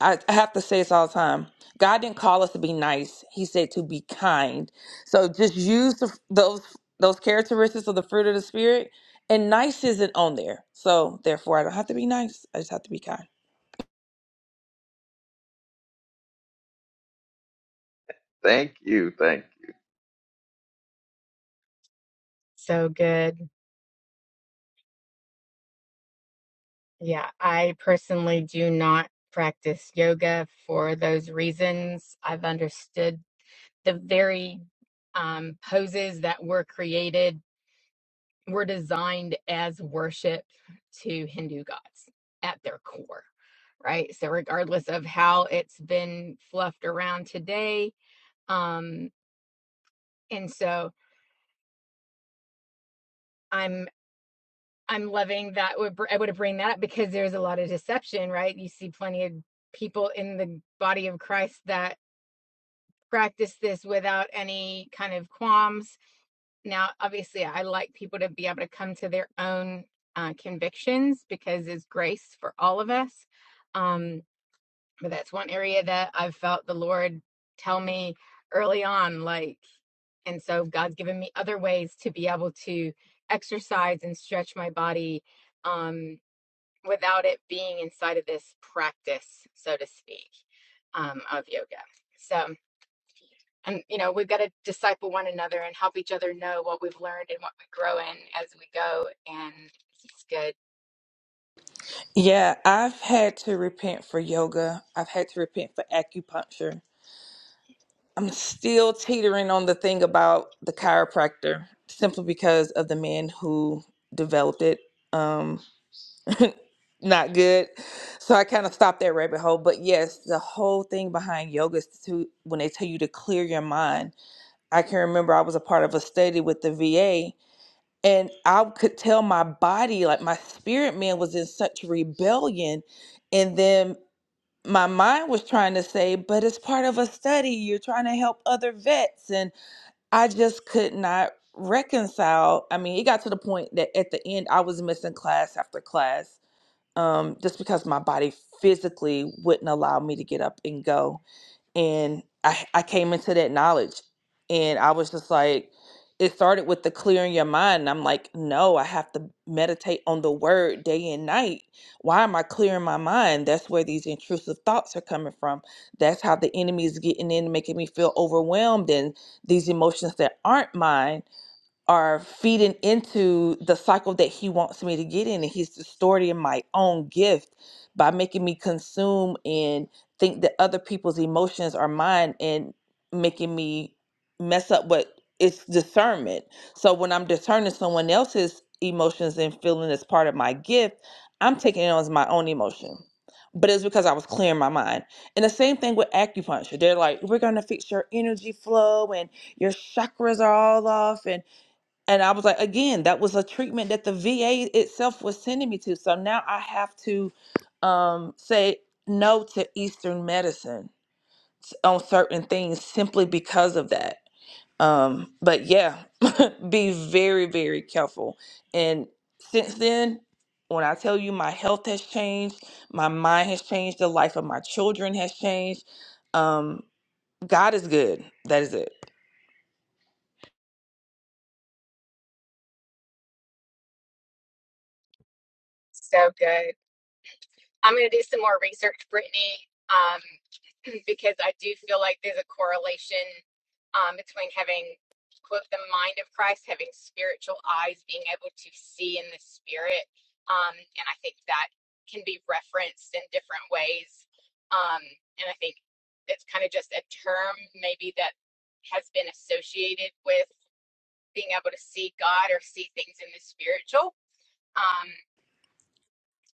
S7: I, I have to say this all the time. God didn't call us to be nice. He said to be kind. So just use the, those those characteristics of the fruit of the spirit. And nice isn't on there. So therefore, I don't have to be nice. I just have to be kind.
S8: Thank you. Thank. you.
S1: So good. Yeah, I personally do not practice yoga for those reasons. I've understood the very um, poses that were created were designed as worship to Hindu gods at their core, right? So, regardless of how it's been fluffed around today, um, and so I'm I'm loving that. Would br- I would have bring that up because there's a lot of deception, right? You see plenty of people in the body of Christ that practice this without any kind of qualms Now, obviously, I like people to be able to come to their own uh, convictions because it's grace for all of us. Um, but that's one area that I've felt the Lord tell me early on, like, and so God's given me other ways to be able to exercise and stretch my body um, without it being inside of this practice, so to speak, um, of yoga. So, and you know we've got to disciple one another and help each other know what we've learned and what we grow in as we go and it's good
S7: Yeah, I've had to repent for yoga. I've had to repent for acupuncture. I'm still teetering on the thing about the chiropractor simply because of the man who developed it. Um, not good. So I kind of stopped that rabbit hole. But yes, the whole thing behind yoga is to when they tell you to clear your mind. I can remember I was a part of a study with the VA and I could tell my body, like my spirit man was in such rebellion. And then my mind was trying to say, but it's part of a study. You're trying to help other vets. And I just could not reconcile. I mean, it got to the point that at the end I was missing class after class um, just because my body physically wouldn't allow me to get up and go and I, I came into that knowledge and i was just like it started with the clearing your mind and i'm like no i have to meditate on the word day and night why am i clearing my mind that's where these intrusive thoughts are coming from that's how the enemy is getting in making me feel overwhelmed and these emotions that aren't mine are feeding into the cycle that he wants me to get in and he's distorting my own gift by making me consume and think that other people's emotions are mine and making me mess up what it's discernment so when i'm discerning someone else's emotions and feeling as part of my gift i'm taking it on as my own emotion but it's because i was clearing my mind and the same thing with acupuncture they're like we're going to fix your energy flow and your chakras are all off and and I was like, again, that was a treatment that the VA itself was sending me to. So now I have to um, say no to Eastern medicine s- on certain things simply because of that. Um, but yeah, be very, very careful. And since then, when I tell you my health has changed, my mind has changed, the life of my children has changed. Um, God is good. That is it.
S1: so good I'm going to do some more research, Brittany, um, because I do feel like there's a correlation um, between having, quote, the mind of Christ, having spiritual eyes, being able to see in the spirit. Um, and I think that can be referenced in different ways. Um, and I think it's kind of just a term maybe that has been associated with being able to see God or see things in the spiritual. Um,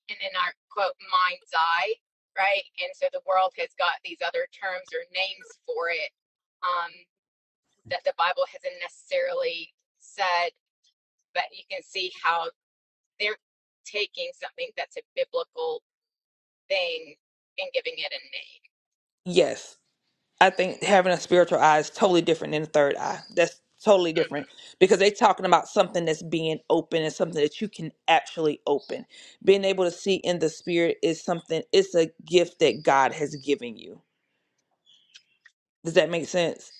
S1: and in our quote mind's eye, right? And so the world has got these other terms or names for it um, that the Bible hasn't necessarily said, but you can see how they're taking something that's a biblical thing and giving it a name.
S7: Yes. I think having a spiritual eye is totally different than a third eye. That's totally
S1: Mhm.
S7: different because they're talking about something that's being open and something that you can actually open. Being able to see in the spirit is something, it's a gift that God has given you. Does that make sense,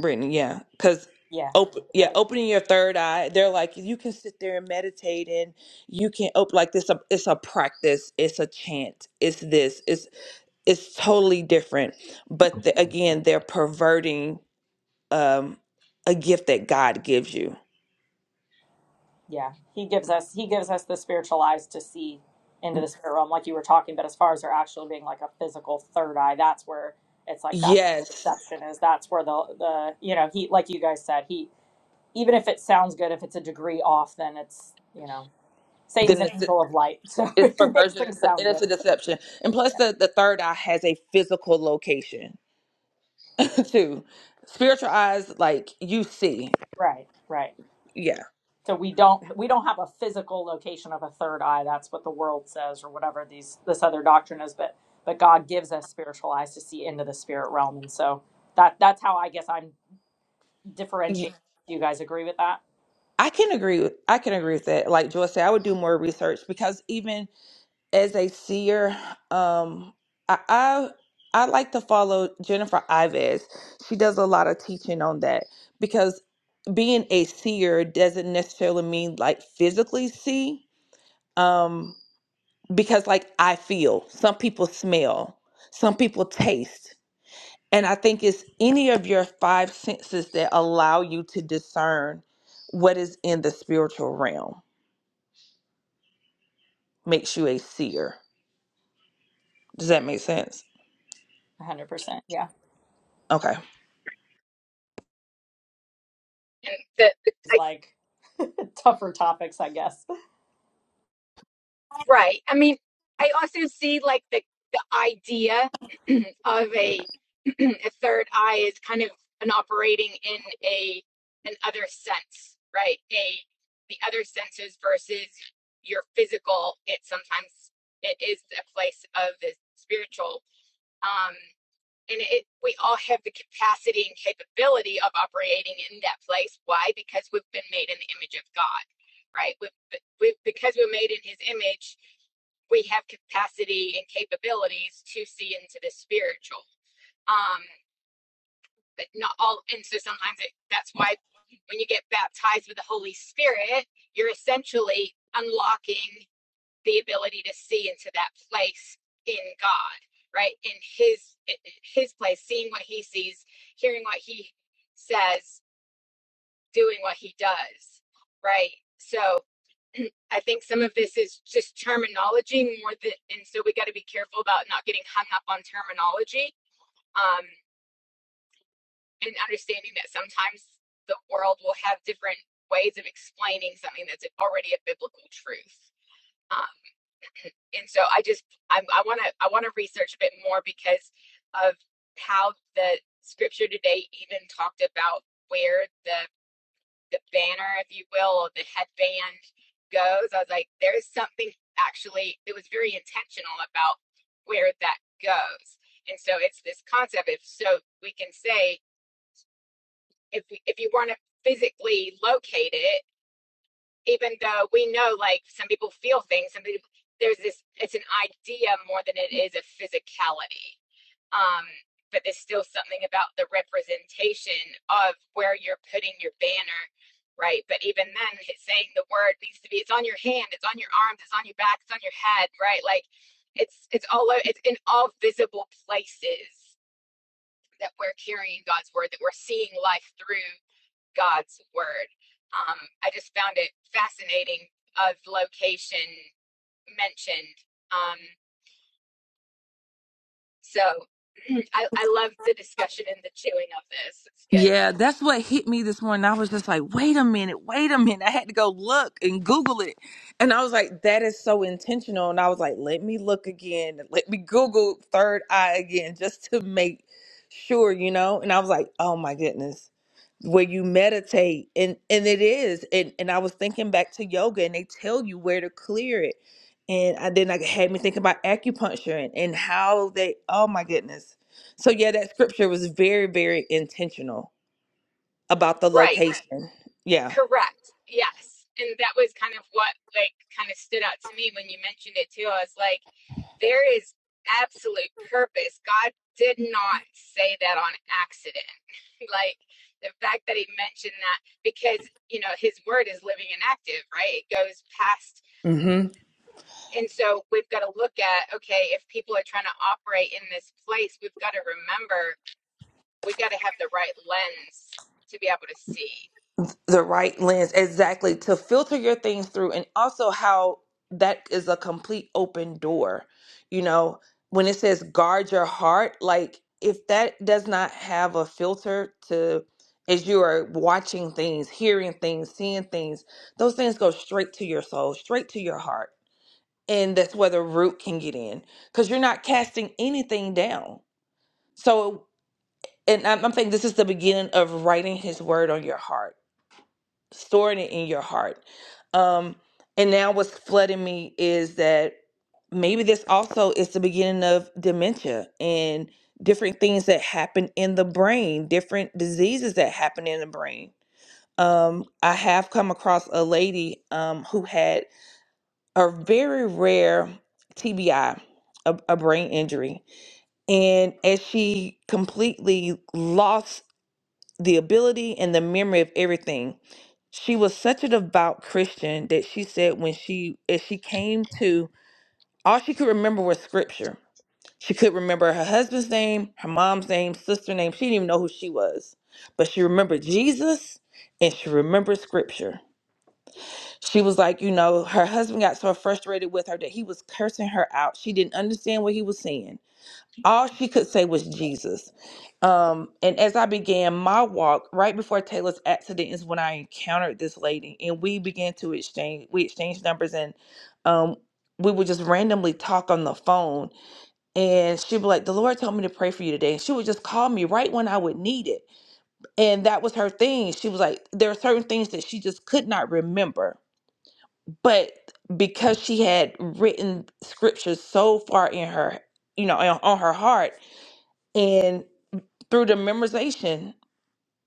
S7: Brittany? Yeah. Because
S2: Yeah.
S7: Open, yeah, opening your third eye. They're like you can sit there and meditate, and you can open like this. A, it's a practice. It's a chant. It's this. It's it's totally different. But the, again, they're perverting um, a gift that God gives you.
S2: Yeah, he gives us he gives us the spiritual eyes to see into the spirit realm, like you were talking. But as far as there actually being like a physical third eye, that's where it's like that's where the
S7: Yes,
S2: deception is. That's where the the you know he like you guys said he even if it sounds good, if it's a degree off, then it's you know
S7: then
S2: Satan's an
S7: it's,
S2: angel of light, so
S7: it's
S2: he makes
S7: perversion it's
S2: things
S7: a- and
S2: sound
S7: it's
S2: good.
S7: a deception. And plus, the, the third eye has a physical location too. Spiritual eyes, like you see,
S2: Right, right.
S7: yeah.
S2: So we don't we don't have a physical location of a third eye. That's what the world says, or whatever these this other doctrine is. But but God gives us spiritual eyes to see into the spirit realm, and so that that's how I guess I'm
S7: Y-
S2: differentiating. Do you guys agree with that?
S7: I can agree with I can agree with that. Like Joy said, I would do more research because even as a seer, um, I, I I like to follow Jennifer Ives. She does a lot of teaching on that because being a seer doesn't necessarily mean like physically see um because like i feel some people smell some people taste and i think it's any of your five senses that allow you to discern what is in the spiritual realm makes you a seer does that make sense
S2: 100. percent Yeah,
S7: okay
S1: And the, the,
S2: it's
S1: I
S2: like tougher topics, I guess.
S1: Right. I mean, I also see like the the idea of a a third eye is kind of an operating in a an other sense, right? A the other senses versus your physical. It sometimes it is a place of the spiritual. Um, and it, we all have the capacity and capability of operating in that place. Why? Because we've been made in the image of God, right? We've, we because we're made in His image, we have capacity and capabilities to see into the spiritual. Um, but not all, and so sometimes it, that's why when you get baptized with the Holy Spirit, you're essentially unlocking the ability to see into that place in God, right? In his his place, seeing what he sees, hearing what he says, doing what he does, right? So I think some of this is just terminology more than, and so we got to be careful about not getting hung up on terminology um, and understanding that sometimes the world will have different ways of explaining something that's already a biblical truth. Um, and so I just I'm, I want to I want to research a bit more because of how the scripture today even talked about where the the banner, if you will, or the headband goes. I was like, there is something actually it was very intentional about where that goes, and so it's this concept. If so, we can say if we, if you want to physically locate it even though we know like some people feel things some people there's this it's an idea more than it is a physicality um but there's still something about the representation of where you're putting your banner right but even then it's saying the word needs to be it's on your hand it's on your arms it's on your back it's on your head right like it's it's all it's in all visible places that we're carrying god's word that we're seeing life through God's word. Um, I just found it fascinating of location mentioned. Um, so I, I love the discussion and the chewing of this. It's good.
S7: Yeah, that's what hit me this morning. I was just like, wait a minute, wait a minute. I had to go look and Google it. And I was like, that is so intentional. And I was like, let me look again. Let me Google third eye again just to make sure, you know? And I was like, oh my goodness. Where you meditate and and it is. And and I was thinking back to yoga and they tell you where to clear it. And I then I had me thinking about acupuncture and, and how they oh my goodness. So yeah, that scripture was very, very intentional about the
S1: Right.
S7: location. Yeah.
S1: Correct. Yes. And that was kind of what like kind of stood out to me when you mentioned it too. I was like, There is absolute purpose. God did not say that on accident. like the fact that he mentioned that because, you know, his word is living and active, right? It goes past.
S7: hmm
S1: And so we've got to look at, okay, if people are trying to operate in this place, we've got to remember we've got to have the right lens to be able to see.
S7: The right lens, exactly, to filter your things through, and also how that is a complete open door. You know, when it says guard your heart, like if that does not have a filter to, as you are watching things, hearing things, seeing things, those things go straight to your soul, straight to your heart. And that's where the root can get in because you're not casting anything down. So and I'm, I'm thinking this is the beginning of writing his word on your heart storing it in your heart um and now what's flooding me is that maybe this also is the beginning of dementia and different things that happen in the brain different diseases that happen in the brain um i have come across a lady um who had a very rare tbi a a brain injury and as she completely lost the ability and the memory of everything. She was such a devout Christian that she said when she as she came to all she could remember was scripture. She could remember her husband's name, her mom's name, sister name. She didn't even know who she was. But she remembered Jesus and she remembered scripture. She was like, you know, her husband got so frustrated with her that he was cursing her out. She didn't understand what he was saying all she could say was Jesus. Um, and as I began my walk, right before Taylor's accident, is when I encountered this lady, and we began to exchange. We exchanged numbers, and um, we would just randomly talk on the phone. And she'd be like, "The Lord told me to pray for you today," and she would just call me right when I would need it. And that was her thing. She was like, "There are certain things that she just could not remember, but." because she had written scriptures so far in her you know on on her heart and." through the memorization,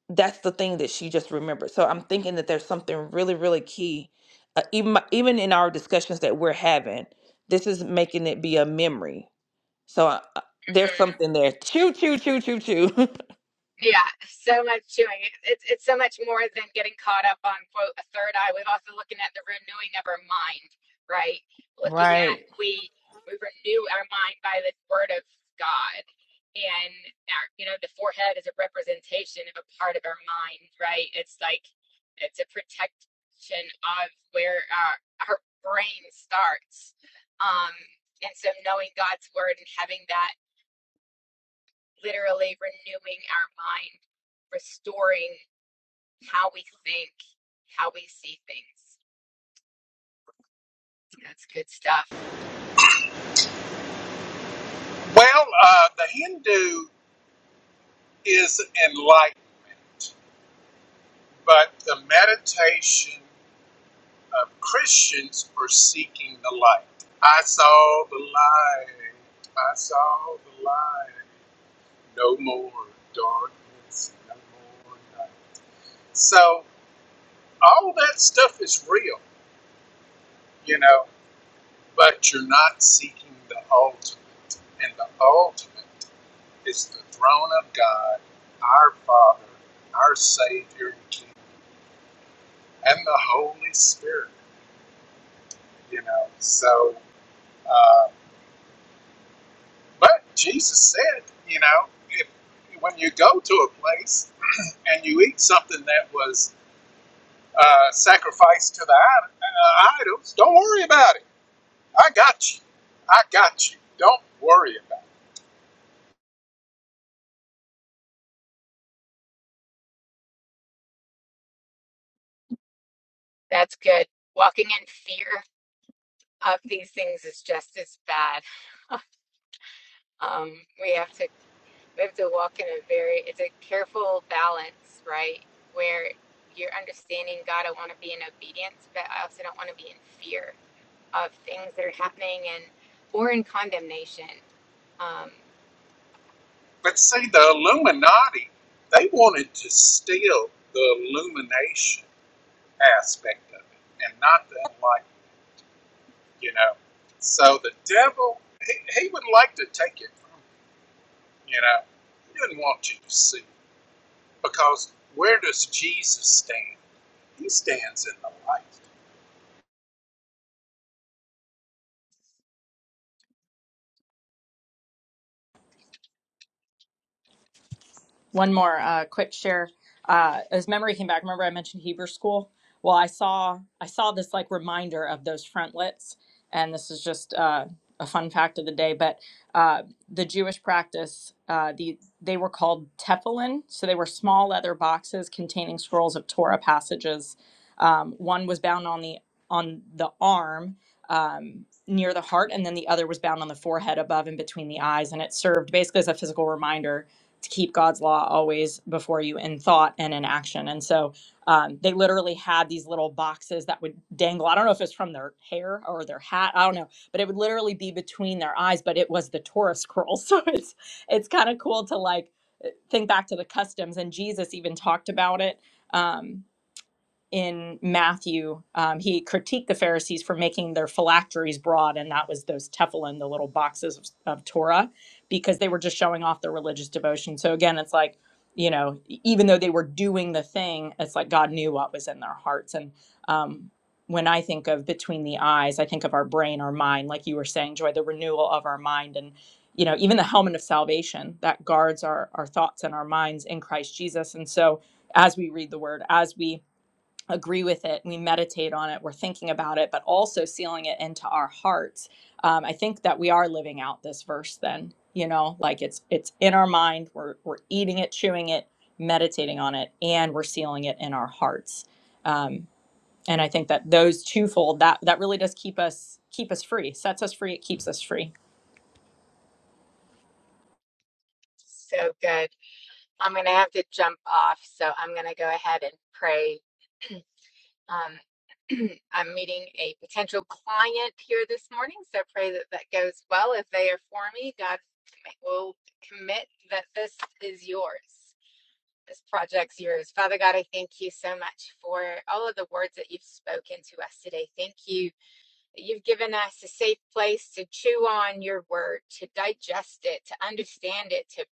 S7: that's the thing that she just remembered. So I'm thinking that there's something really, really key. Uh, even my- even in our discussions that we're having, this is making it be a memory. So uh, uh,
S1: Mm-hmm.
S7: there's something there. Choo, choo, choo, choo, choo.
S1: Yeah, so much to It's it's so much more than getting caught up on quote a third eye. We're also looking at the renewing of our mind, right? Looking at
S7: right.
S1: we we renew our mind by the word of God, and our you know the forehead is a representation of a part of our mind, right? It's like it's a protection of where our our brain starts, um, and so knowing God's word and having that literally renewing our mind, restoring how we think, how we see things. That's good stuff. That's good. Walking in fear of these things is just as bad. Um, we have to we have to walk in a very it's a careful balance, right? Where you're understanding God, I want to be in obedience, but I also don't want to be in fear of things that are happening and or in condemnation. Um,
S2: One more uh, quick share. Uh, as memory came back, remember I mentioned Hebrew school. Well, I saw I saw this like reminder of those frontlets, and this is just uh, a fun fact of the day. But uh, the Jewish practice, uh, the they were called tefillin, so they were small leather boxes containing scrolls of Torah passages. Um, one was bound on the on the arm um, near the heart, and then the other was bound on the forehead above and between the eyes, and it served basically as a physical reminder to keep God's law always before you in thought and in action. And so um, they literally had these little boxes that would dangle. I don't know if it's from their hair or their hat. I don't know, but it would literally be between their eyes. But it was the Torah scroll, so it's it's kind of cool to like think back to the customs. And Jesus even talked about it. Um, in Matthew, um, he critiqued the Pharisees for making their phylacteries broad, and that was those tefillin, the little boxes of, of Torah, because they were just showing off their religious devotion. So again, it's like, you know, e- even though they were doing the thing, it's like God knew what was in their hearts. And um, when I think of between the eyes, I think of our brain, our mind, like you were saying, Joy, the renewal of our mind. And, you know, even the helmet of salvation that guards our, our thoughts and our minds in Christ Jesus. And so as we read the word, as we agree with it, we meditate on it, we're thinking about it, but also sealing it into our hearts. Um, I think that we are living out this verse then, you know, like it's it's in our mind, we're we're eating it, chewing it, meditating on it, and we're sealing it in our hearts. Um, and I think that those twofold that that really does keep us keep us free, sets us free, it keeps us free.
S1: so good. I'm going to have to jump off, so I'm going to go ahead and pray. Um, I'm meeting a potential client here this morning, so pray that that goes well. If they are for me, God commit- will commit that this is yours. This project's yours. Father God, I thank you so much for all of the words that you've spoken to us today. Thank you You've given us a safe place to chew on your word, to digest it, to understand it, to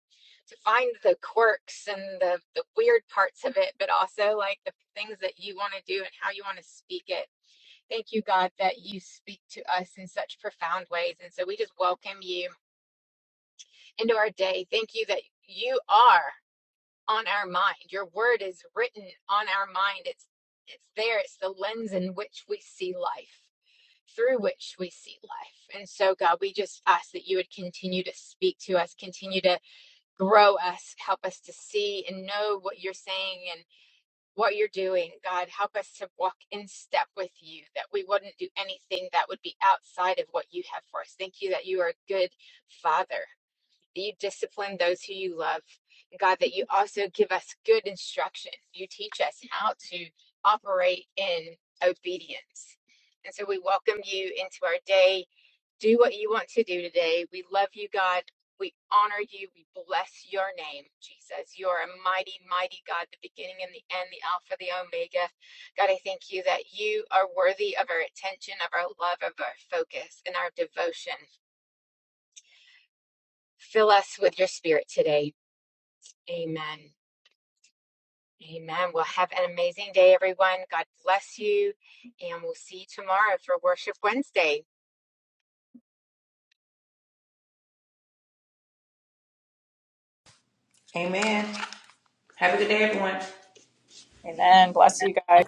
S1: to find the quirks and the, the weird parts of it, but also like the things that you want to do and how you want to speak it. Thank you, God, that you speak to us in such profound ways. And so we just welcome you into our day. Thank you that you are on our mind. Your word is written on our mind. It's it's there. It's the lens in which we see life through which we see life. And so, God, we just ask that you would continue to speak to us, continue to grow us, help us to see and know what you're saying and what you're doing. God, help us to walk in step with you, that we wouldn't do anything that would be outside of what you have for us. Thank you that you are a good Father that you discipline those who you love. God, that you also give us good instruction. You teach us how to operate in obedience. And so we welcome you into our day. Do what you want to do today. We love you, God. We honor you. We bless your name, Jesus. You're a mighty, mighty God, the beginning and the end, the Alpha, the Omega. God, I thank you that you are worthy of our attention, of our love, of our focus, and our devotion. Fill us with your spirit today. Amen. Amen. Well, have an amazing day, everyone. God bless you. And we'll see you tomorrow for Worship Wednesday.
S7: Amen. Have a good day, everyone.
S2: Amen. Bless you guys.